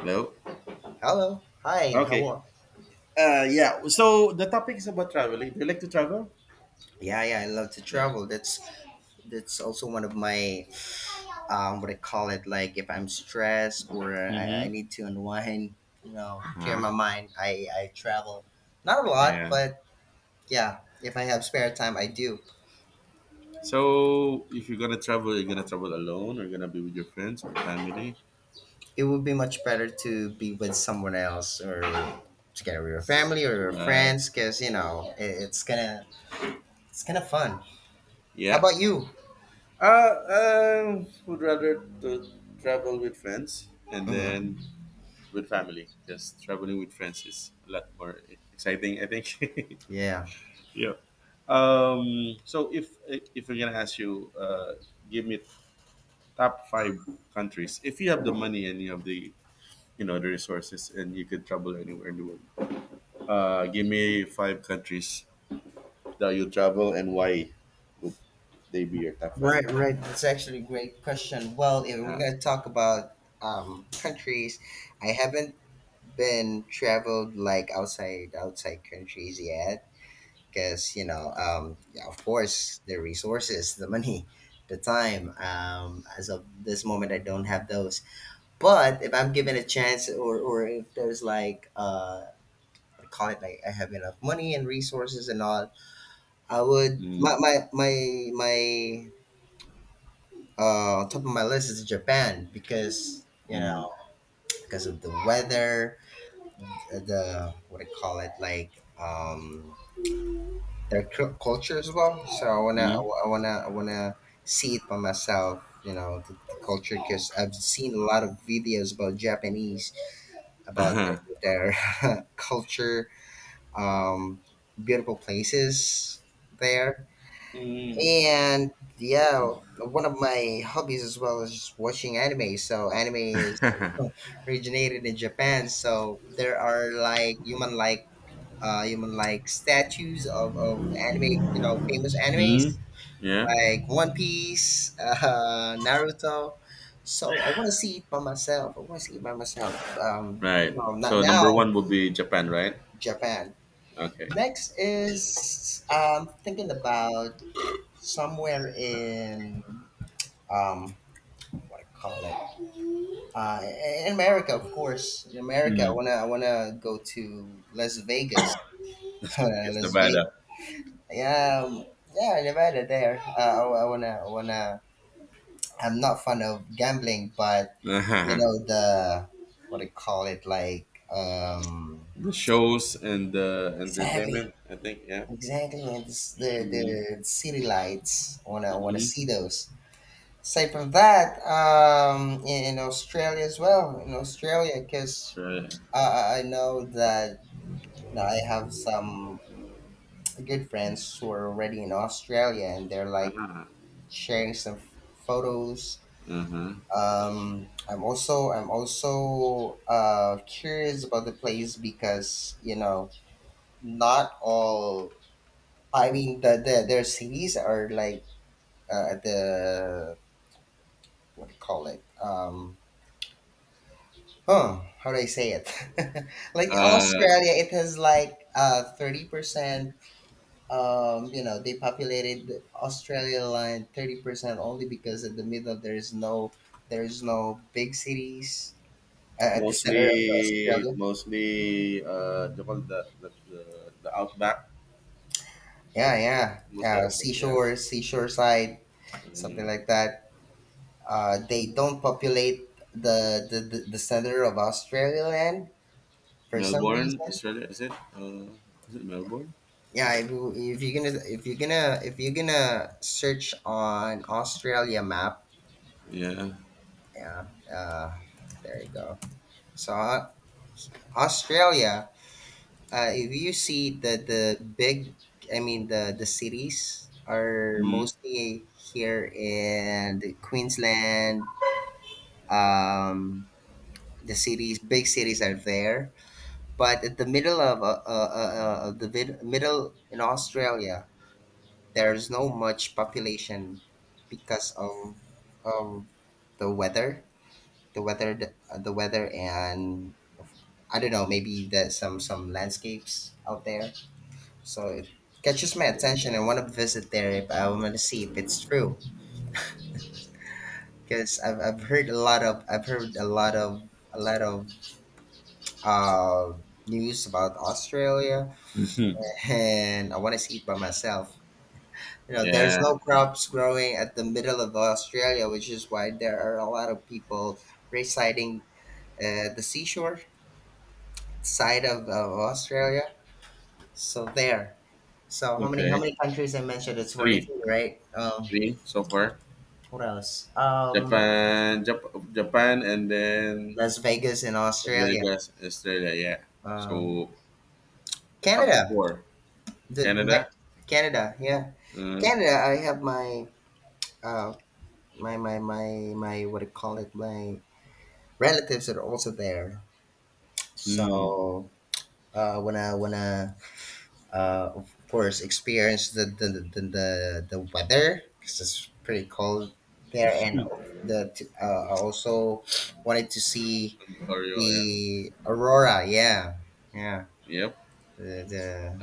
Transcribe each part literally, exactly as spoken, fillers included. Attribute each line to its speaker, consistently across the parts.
Speaker 1: Hello?
Speaker 2: Hello. Hi. How
Speaker 1: Okay.
Speaker 2: are?
Speaker 1: Uh, yeah. So the topic is about traveling. Do you like to travel?
Speaker 2: Yeah, yeah, I love to
Speaker 1: Yeah.
Speaker 2: travel. That's that's also one of my um, what I call it. Like if I'm stressed or I, I
Speaker 1: Mm-hmm.
Speaker 2: need to unwind, you know, clear
Speaker 1: Uh-huh.
Speaker 2: my mind. I I travel. Not a lot,
Speaker 1: Yeah.
Speaker 2: but yeah. If I have spare time, I do.
Speaker 1: So if you're gonna travel, you're gonna travel alone or you're gonna be with your friends or family.
Speaker 2: It would be much better to be with someone else or together with your family or your
Speaker 1: But
Speaker 2: friends, because you know it, it's gonna it's kind of fun. How
Speaker 1: yeah.
Speaker 2: about you?
Speaker 1: Uh, I would rather to travel with friends. And
Speaker 2: Hmm.
Speaker 1: then with family. Because traveling with friends is a lot more exciting, I think.
Speaker 2: Yeah.
Speaker 1: Yeah. Um so if if we're gonna ask you, uh give me top five countries if you have the money and you have the you know the resources and you could travel anywhere in the world, uh give me five countries that you travel and why would they be your top five.
Speaker 2: Right, right. That's actually a great question. Well, if we're
Speaker 1: Yeah.
Speaker 2: gonna talk about um, countries, I haven't been traveled like outside outside countries yet, because you know, um, yeah, of course, the resources, the money, the time. Um, as of this moment, I don't have those. But if I'm given a chance, or or if there's like uh, what call it like I have enough money and resources and all, I would my
Speaker 1: mm,
Speaker 2: my my my uh, on top of my list is Japan because you
Speaker 1: mm,
Speaker 2: know because of the weather, uh, the what do you call it like um their cu- culture as well. So I wanna
Speaker 1: mm.
Speaker 2: I wanna I wanna see it by myself. You know the, the culture because I've seen a lot of videos about Japanese about
Speaker 1: Uh-huh.
Speaker 2: their, their culture, um, beautiful places there.
Speaker 1: mm.
Speaker 2: And yeah, one of my hobbies as well is watching anime. So anime is originated in Japan. So there are like human like uh human like statues of, of anime, you know, famous
Speaker 1: Mm.
Speaker 2: animes
Speaker 1: Yeah.
Speaker 2: like One Piece, uh, Naruto. So I want to see it by myself. I want to see it by myself. Um, you
Speaker 1: Right,
Speaker 2: know, not
Speaker 1: so number
Speaker 2: now.
Speaker 1: one would be Japan, right?
Speaker 2: Japan.
Speaker 1: Okay.
Speaker 2: Next is um thinking about somewhere in um what I call it. Uh, in America, of course. In America, I
Speaker 1: Mm.
Speaker 2: wanna I wanna go to Las Vegas.
Speaker 1: That's
Speaker 2: Uh,
Speaker 1: because
Speaker 2: Las
Speaker 1: Nevada.
Speaker 2: Vegas. Yeah, um, yeah, Nevada. There. Uh, I, I wanna I wanna. I'm not fond of gambling, but you
Speaker 1: Uh-huh.
Speaker 2: know the what do you call it like um
Speaker 1: The shows and the
Speaker 2: exactly,
Speaker 1: entertainment, I think. Yeah.
Speaker 2: exactly, and this, the
Speaker 1: Mm-hmm.
Speaker 2: the city lights. I wanna I wanna
Speaker 1: Mm-hmm.
Speaker 2: see those. Aside from that, um, in, in Australia as well, in Australia, because
Speaker 1: Sure.
Speaker 2: Uh, I I know that you know, I have some good friends who are already in Australia, and they're like
Speaker 1: Ah.
Speaker 2: sharing some f- photos.
Speaker 1: Uh-huh.
Speaker 2: Um, I'm also I'm also uh, curious about the place because you know not all. I mean, the, the their cities are like uh, the what do you call it? Um, oh, how do I say it? Like
Speaker 1: Uh
Speaker 2: Australia, it has like uh thirty percent um, you know, they populated Australia line thirty percent only because in the middle there is no there is no big cities uh, at the
Speaker 1: mostly,
Speaker 2: center of Australia.
Speaker 1: mostly uh they the the, the, the outback.
Speaker 2: Yeah, yeah,
Speaker 1: Mostly
Speaker 2: yeah.
Speaker 1: outback, yeah.
Speaker 2: Seashore, seashore side, something
Speaker 1: Um,
Speaker 2: like that. Uh, they don't populate the the, the, the center of Australia land for some
Speaker 1: Melbourne,
Speaker 2: reason.
Speaker 1: Australia, is it? Uh, is it Melbourne?
Speaker 2: Yeah, if, you- if you're gonna if you're gonna if you're gonna search on Australia map,
Speaker 1: Yeah.
Speaker 2: yeah, uh, there you go. So uh, Australia, uh, if you see the the big, I mean the the cities are
Speaker 1: Mm.
Speaker 2: mostly here in the Queensland. Um, the cities, big cities are there, but at the middle of uh, uh, uh, uh, the vid- middle in Australia, there's no much population because of of the weather, the weather, the, the weather, and I don't know, maybe the some some landscapes out there. So it catches my attention. I want to visit there if I want to see if it's true. Because I've, I've heard a lot of I've heard a lot of a lot of uh, news about Australia, and I want to see it by myself. You know, there's
Speaker 1: Yeah.
Speaker 2: no crops growing at the middle of Australia, which is why there are a lot of people residing uh, the seashore side of, of Australia. So there. So how many how
Speaker 1: Okay.
Speaker 2: many countries I mentioned? It's forty
Speaker 1: Three.
Speaker 2: three, right? Um,
Speaker 1: Three so far.
Speaker 2: what else? Um,
Speaker 1: Japan, Jap- Japan, and then
Speaker 2: Las Vegas in
Speaker 1: Las
Speaker 2: Australia.
Speaker 1: Vegas, Australia. Yeah.
Speaker 2: Um,
Speaker 1: So top
Speaker 2: Canada.
Speaker 1: four.
Speaker 2: The, the
Speaker 1: Canada.
Speaker 2: next Canada, yeah.
Speaker 1: Uh,
Speaker 2: Canada, I have my uh my my my my what do you call it? My relatives that are also there.
Speaker 1: mm.
Speaker 2: So uh when I when I uh of course experience the the the, the, the weather because it's pretty cold there and the uh, I also wanted to see
Speaker 1: Ontario. Yeah.
Speaker 2: the aurora, yeah. Yeah.
Speaker 1: Yep.
Speaker 2: The, the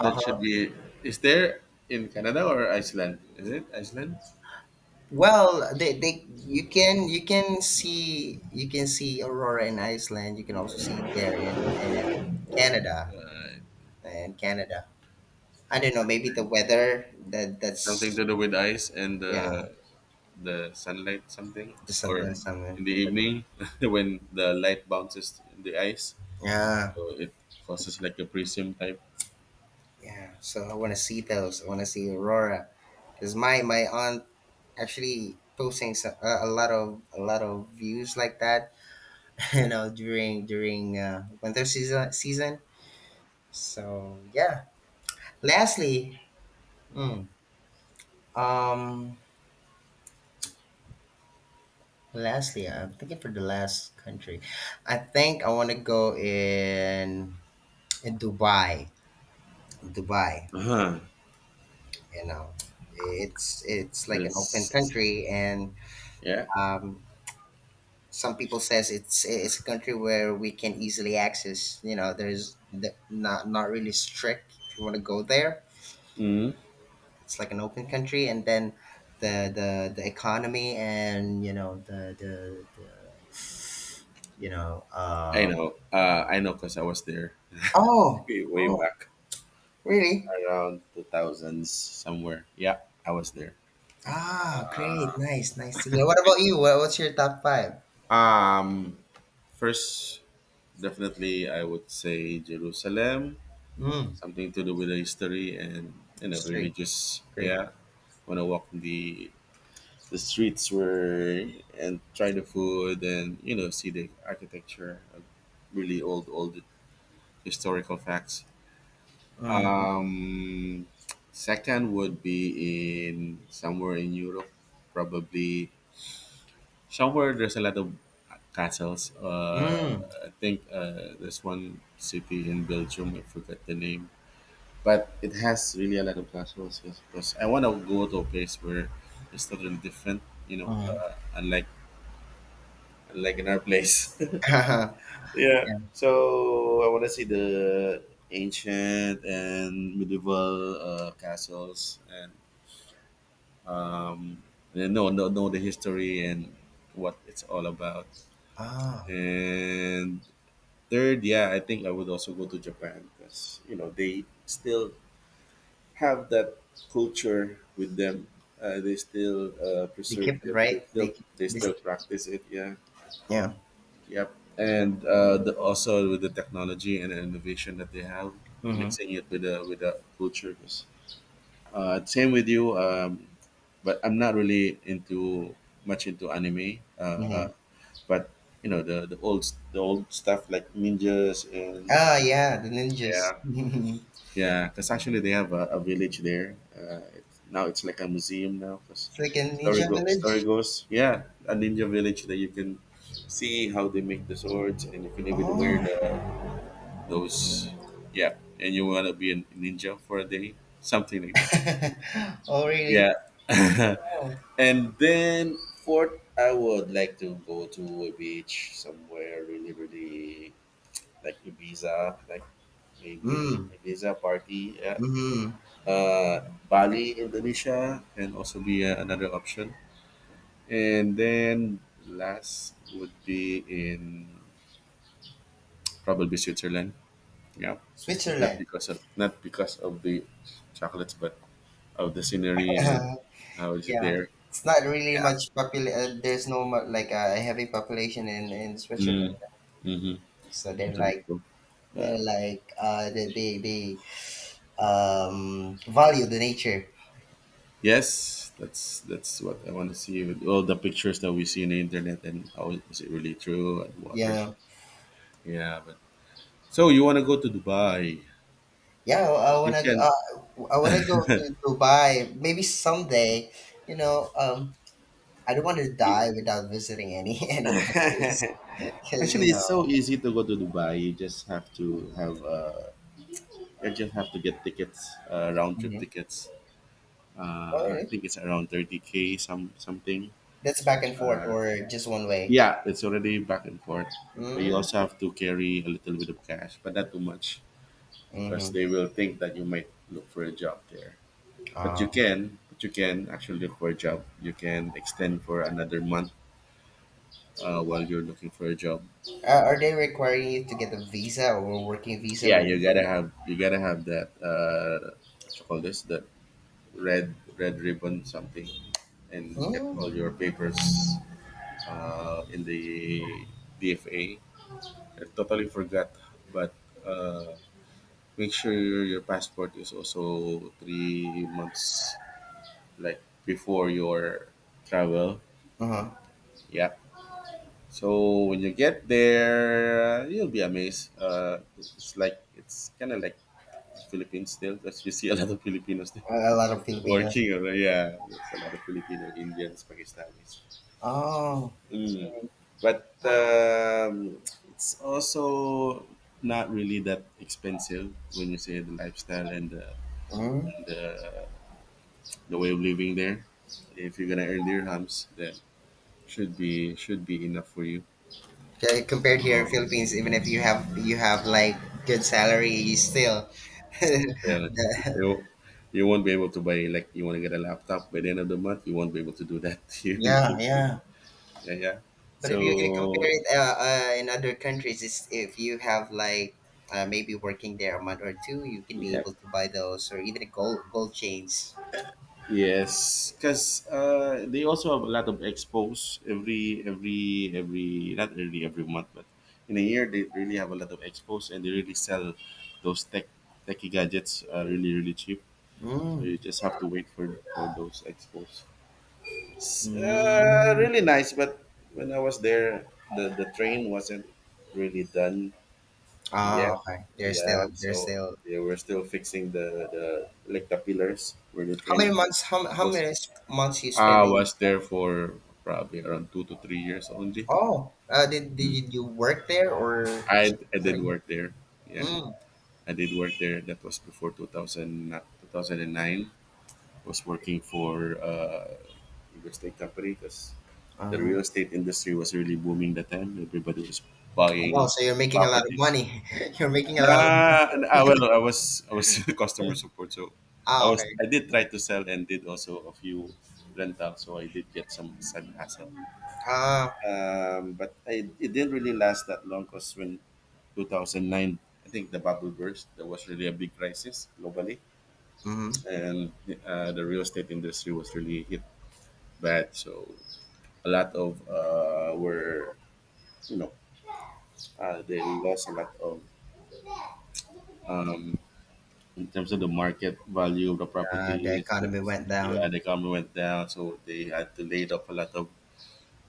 Speaker 1: That should be. Is there in Canada or Iceland? Is it Iceland?
Speaker 2: Well, they, they you can you can see you can see aurora in Iceland. You can also see it there in, in Canada. In Canada. I don't know, maybe the
Speaker 1: Yeah,
Speaker 2: weather that
Speaker 1: something
Speaker 2: that's
Speaker 1: to do with ice and
Speaker 2: yeah,
Speaker 1: the the sunlight, something,
Speaker 2: just
Speaker 1: or
Speaker 2: something
Speaker 1: in
Speaker 2: something.
Speaker 1: the evening when the light bounces in the ice,
Speaker 2: Yeah,
Speaker 1: so it causes like a prism type.
Speaker 2: yeah. So I want to see those. I want to see aurora because my my aunt actually posting so, uh, a lot of a lot of views like that. You know, during during uh, winter season season. So yeah. Lastly. mm, Um, lastly, I'm thinking for the last country. I think I want to go in in Dubai. Dubai,
Speaker 1: Uh-huh.
Speaker 2: you know, it's it's like an open
Speaker 1: That's
Speaker 2: country, and
Speaker 1: yeah.
Speaker 2: um, some people says it's it's a country where we can easily access. You know, there's the, not not really strict. If you want to go there,
Speaker 1: Mm-hmm.
Speaker 2: it's like an open country, and then. The, the, the economy and you know the the, the you know
Speaker 1: I
Speaker 2: um,
Speaker 1: know. Uh, I know because I was there
Speaker 2: oh.
Speaker 1: way way
Speaker 2: Oh,
Speaker 1: back
Speaker 2: really?
Speaker 1: around two thousands somewhere. Yeah, I was there.
Speaker 2: Ah, great. Nice, nice to hear. What about you? What, what's your top five?
Speaker 1: Um, first, definitely, I would say Jerusalem,
Speaker 2: Mm,
Speaker 1: something to do with the history and you know
Speaker 2: three.
Speaker 1: religious.
Speaker 2: Great.
Speaker 1: Yeah, when I walk in the the streets where and try the food and you know see the architecture, of really old old historical facts.
Speaker 2: Mm,
Speaker 1: Um, second would be in somewhere in Europe, probably somewhere there's a lot of castles. Uh,
Speaker 2: mm,
Speaker 1: I think uh, there's one city in Belgium. I forgot the name, but it has really a lot of platforms, yes, because I want to go to a place where it's totally different, you know,
Speaker 2: mm.
Speaker 1: uh, unlike unlike in our place.
Speaker 2: yeah.
Speaker 1: Yeah, so I want to see the ancient and medieval uh, castles and um, and know, know know the history and what it's all about.
Speaker 2: Ah,
Speaker 1: And third, yeah, I think I would also go to Japan because you know they still have that culture with them. Uh, they still uh,
Speaker 2: they
Speaker 1: preserve
Speaker 2: kept it
Speaker 1: it. They
Speaker 2: right. They
Speaker 1: still
Speaker 2: keep
Speaker 1: they
Speaker 2: this.
Speaker 1: still practice it. Yeah.
Speaker 2: Yeah.
Speaker 1: Yep. And uh, the, also with the technology and the innovation that they have,
Speaker 2: Mm-hmm.
Speaker 1: mixing it with the with the culture. 'Cause, Uh, same with you. Um, but I'm not really into much into anime.
Speaker 2: Mm-hmm.
Speaker 1: Uh, but you know the the old the old stuff like ninjas and
Speaker 2: Ah, yeah, the
Speaker 1: yeah.
Speaker 2: ninjas. It's
Speaker 1: Yeah, because actually they have a, a village there. Uh, it's, now it's like a museum now. Because
Speaker 2: like a
Speaker 1: story
Speaker 2: ninja
Speaker 1: go, story
Speaker 2: village.
Speaker 1: goes, yeah, a ninja village that you can see how they make the swords, and you can even wear
Speaker 2: Oh.
Speaker 1: the those. Yeah, and you wanna be a ninja for a day, something like that.
Speaker 2: Oh, really?
Speaker 1: Yeah,
Speaker 2: Oh.
Speaker 1: and then fourth, I would like to go to a beach somewhere really, really like Ibiza, like maybe
Speaker 2: Mm,
Speaker 1: Ibiza party. Yeah,
Speaker 2: mm-hmm.
Speaker 1: uh, Bali, Indonesia can also be uh, another option. And then last would be in probably Switzerland. Yeah, not
Speaker 2: Switzerland.
Speaker 1: because of not because of the chocolates, but of the scenery and how is it
Speaker 2: Yeah,
Speaker 1: there.
Speaker 2: it's not really
Speaker 1: Yeah.
Speaker 2: much popul. Uh, there's no mu- like a heavy population in in
Speaker 1: Mm,
Speaker 2: Switzerland,
Speaker 1: mm-hmm.
Speaker 2: so they're
Speaker 1: Totally
Speaker 2: like
Speaker 1: cool.
Speaker 2: they're
Speaker 1: But
Speaker 2: like uh they they, they um value the nature.
Speaker 1: yes, that's that's what I want to see with all the pictures that we see in the internet and how is it really true and waters.
Speaker 2: Yeah,
Speaker 1: Yeah, but so you want to go to Dubai?
Speaker 2: yeah. I, I
Speaker 1: You
Speaker 2: wanna
Speaker 1: can.
Speaker 2: uh, I wanna go to Dubai maybe someday. You know, um, I don't want to die without visiting any any countries because
Speaker 1: Actually,
Speaker 2: you
Speaker 1: it's
Speaker 2: know.
Speaker 1: so easy to go to Dubai. You just have to have uh, you just have to get tickets, uh, round trip
Speaker 2: Mhm.
Speaker 1: tickets. Uh, I
Speaker 2: Or
Speaker 1: think it's around thirty k some something.
Speaker 2: that's back and forth or just one way.
Speaker 1: Yeah, it's already back and forth, but you
Speaker 2: Mm-hmm.
Speaker 1: also have to carry a little bit of cash, but not too much because
Speaker 2: Mm-hmm.
Speaker 1: they will think that you might look for a job there. But you
Speaker 2: Um,
Speaker 1: can, but you can actually look for a job. You can extend for another month uh, while you're looking for a job.
Speaker 2: Uh, are they requiring you to get a visa or a working visa
Speaker 1: Yeah,
Speaker 2: when you
Speaker 1: you gotta
Speaker 2: go?
Speaker 1: have you gotta have that. Uh, what you call this? That red red ribbon something, and get
Speaker 2: Mm?
Speaker 1: all your papers uh, in the D F A. I totally forgot, but uh, make sure your, your passport is also three months like before your travel.
Speaker 2: Uh-huh.
Speaker 1: Yeah. So when you get there, you'll be amazed. Uh, it's like it's kind of like the Philippines still, because you see a lot of Filipinos there
Speaker 2: A a lot of Filipinos.
Speaker 1: working. or- Yeah, there's a lot of Filipino, Indians, Pakistanis.
Speaker 2: Oh.
Speaker 1: Mm. But um, it's also not really that expensive when you say the lifestyle and the
Speaker 2: Mm.
Speaker 1: and the, the way of living there. If you're gonna earn dirhams, then should be should be enough for you.
Speaker 2: Okay, compared here in
Speaker 1: Um,
Speaker 2: Philippines, even if you have you have like good salary, you still.
Speaker 1: yeah, like,
Speaker 2: the-
Speaker 1: you, you won't be able to buy, like you want to get a laptop by the end of the month. You won't be able to do that here in the
Speaker 2: yeah,
Speaker 1: country.
Speaker 2: yeah.
Speaker 1: Yeah, yeah.
Speaker 2: But if you can compare
Speaker 1: So
Speaker 2: it uh, uh, in other countries, it's, if you have like uh, maybe working there a month or two, you can be
Speaker 1: yeah,
Speaker 2: able to buy those or even gold gold chains.
Speaker 1: yes, because uh, they also have a lot of expos every every every not really every month, but in a year they really have a lot of expos and they really sell those tech techy gadgets uh, really really cheap. So
Speaker 2: Mm.
Speaker 1: you just have to wait for for those expos. S- Uh, really
Speaker 2: Mm.
Speaker 1: nice, but when I was there, the the train wasn't really done
Speaker 2: Ah,
Speaker 1: yet.
Speaker 2: okay. They're
Speaker 1: Yeah,
Speaker 2: still they're
Speaker 1: so
Speaker 2: still
Speaker 1: they were still fixing the the like the pillars where the
Speaker 2: how many
Speaker 1: train
Speaker 2: months? How, how
Speaker 1: was.
Speaker 2: many s- months you
Speaker 1: I
Speaker 2: spent in?
Speaker 1: was there for probably around two to three years only.
Speaker 2: Oh, uh, did
Speaker 1: Mm.
Speaker 2: did you work there or
Speaker 1: I
Speaker 2: just
Speaker 1: I did
Speaker 2: visiting?
Speaker 1: work there. Yeah,
Speaker 2: Mm.
Speaker 1: I did work there. That was before two thousand, na- two thousand nine. I was working for uh, real estate company because the
Speaker 2: Uh-huh.
Speaker 1: real estate industry was really booming that time. Everybody was
Speaker 2: Oh,
Speaker 1: buying
Speaker 2: so you're making a lot of
Speaker 1: properties.
Speaker 2: money. You're making a lot. Of,
Speaker 1: Nah, and I, well, I was I was customer support, so I
Speaker 2: ah,
Speaker 1: was
Speaker 2: okay.
Speaker 1: I did try to sell and did also a few rentals, so I did get some side hustle.
Speaker 2: Ah,
Speaker 1: Um, but I, it didn't really last that long because when twenty oh nine, I think the bubble burst, there was really a big crisis globally,
Speaker 2: mm-hmm.
Speaker 1: and uh, the real estate industry was really hit bad. So a lot of uh, were, you know, uh, they lost a lot of um, in terms of the market value of the
Speaker 2: Uh, the
Speaker 1: properties. The,
Speaker 2: economy went
Speaker 1: yeah,
Speaker 2: down.
Speaker 1: the economy went down, so they had to lay off a lot of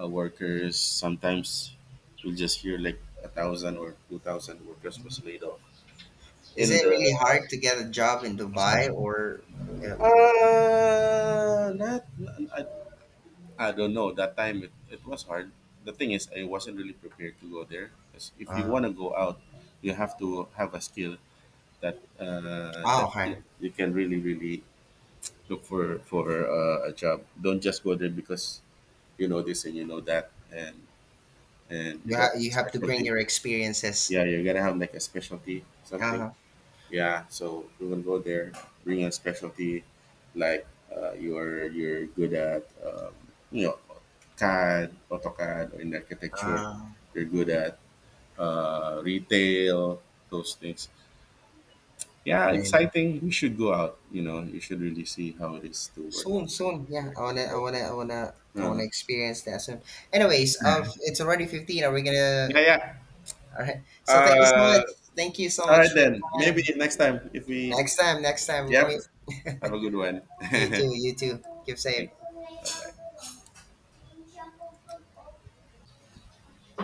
Speaker 1: uh, workers. Sometimes we just hear like a thousand or two thousand workers was laid off
Speaker 2: Is
Speaker 1: in
Speaker 2: it really
Speaker 1: the
Speaker 2: hard to get a job in Dubai
Speaker 1: construction?
Speaker 2: or? Uh,
Speaker 1: Uh, not, I, I don't know. That time it, it was hard. The thing is, I wasn't really prepared to go there. 'Cause if you
Speaker 2: uh,
Speaker 1: want to go out, you have to have a skill that uh,
Speaker 2: oh,
Speaker 1: that you know
Speaker 2: okay.
Speaker 1: you can really really look for for uh, a job. Don't just go there because you know this and you know that and and you
Speaker 2: You
Speaker 1: don't
Speaker 2: ha-
Speaker 1: have
Speaker 2: you
Speaker 1: a
Speaker 2: have to bring
Speaker 1: specialty.
Speaker 2: your experiences.
Speaker 1: Yeah, you're gonna have like a specialty something.
Speaker 2: Uh-huh.
Speaker 1: Yeah, so we will go there. Bring a specialty, like uh, you're you're good at um, you know CAD, AutoCAD, or in architecture.
Speaker 2: Uh,
Speaker 1: You're good at uh, retail, those things. Yeah,
Speaker 2: right.
Speaker 1: exciting. We should go out. You know, you should really see how it is to work
Speaker 2: Soon,
Speaker 1: outside.
Speaker 2: soon, yeah. I wanna, I wanna, I wanna, I
Speaker 1: Uh,
Speaker 2: wanna experience that soon. Anyways, uh, it's already fifteen. Are we
Speaker 1: yeah,
Speaker 2: gonna?
Speaker 1: yeah.
Speaker 2: All right. So thank you so
Speaker 1: Uh,
Speaker 2: much. Thank you so
Speaker 1: all right
Speaker 2: much for your
Speaker 1: then. Maybe
Speaker 2: time.
Speaker 1: next time if we.
Speaker 2: Next time, next time we
Speaker 1: Yep.
Speaker 2: meet.
Speaker 1: Have a good one.
Speaker 2: You
Speaker 1: Thanks.
Speaker 2: too, you too. Keep safe.
Speaker 1: Bye bye.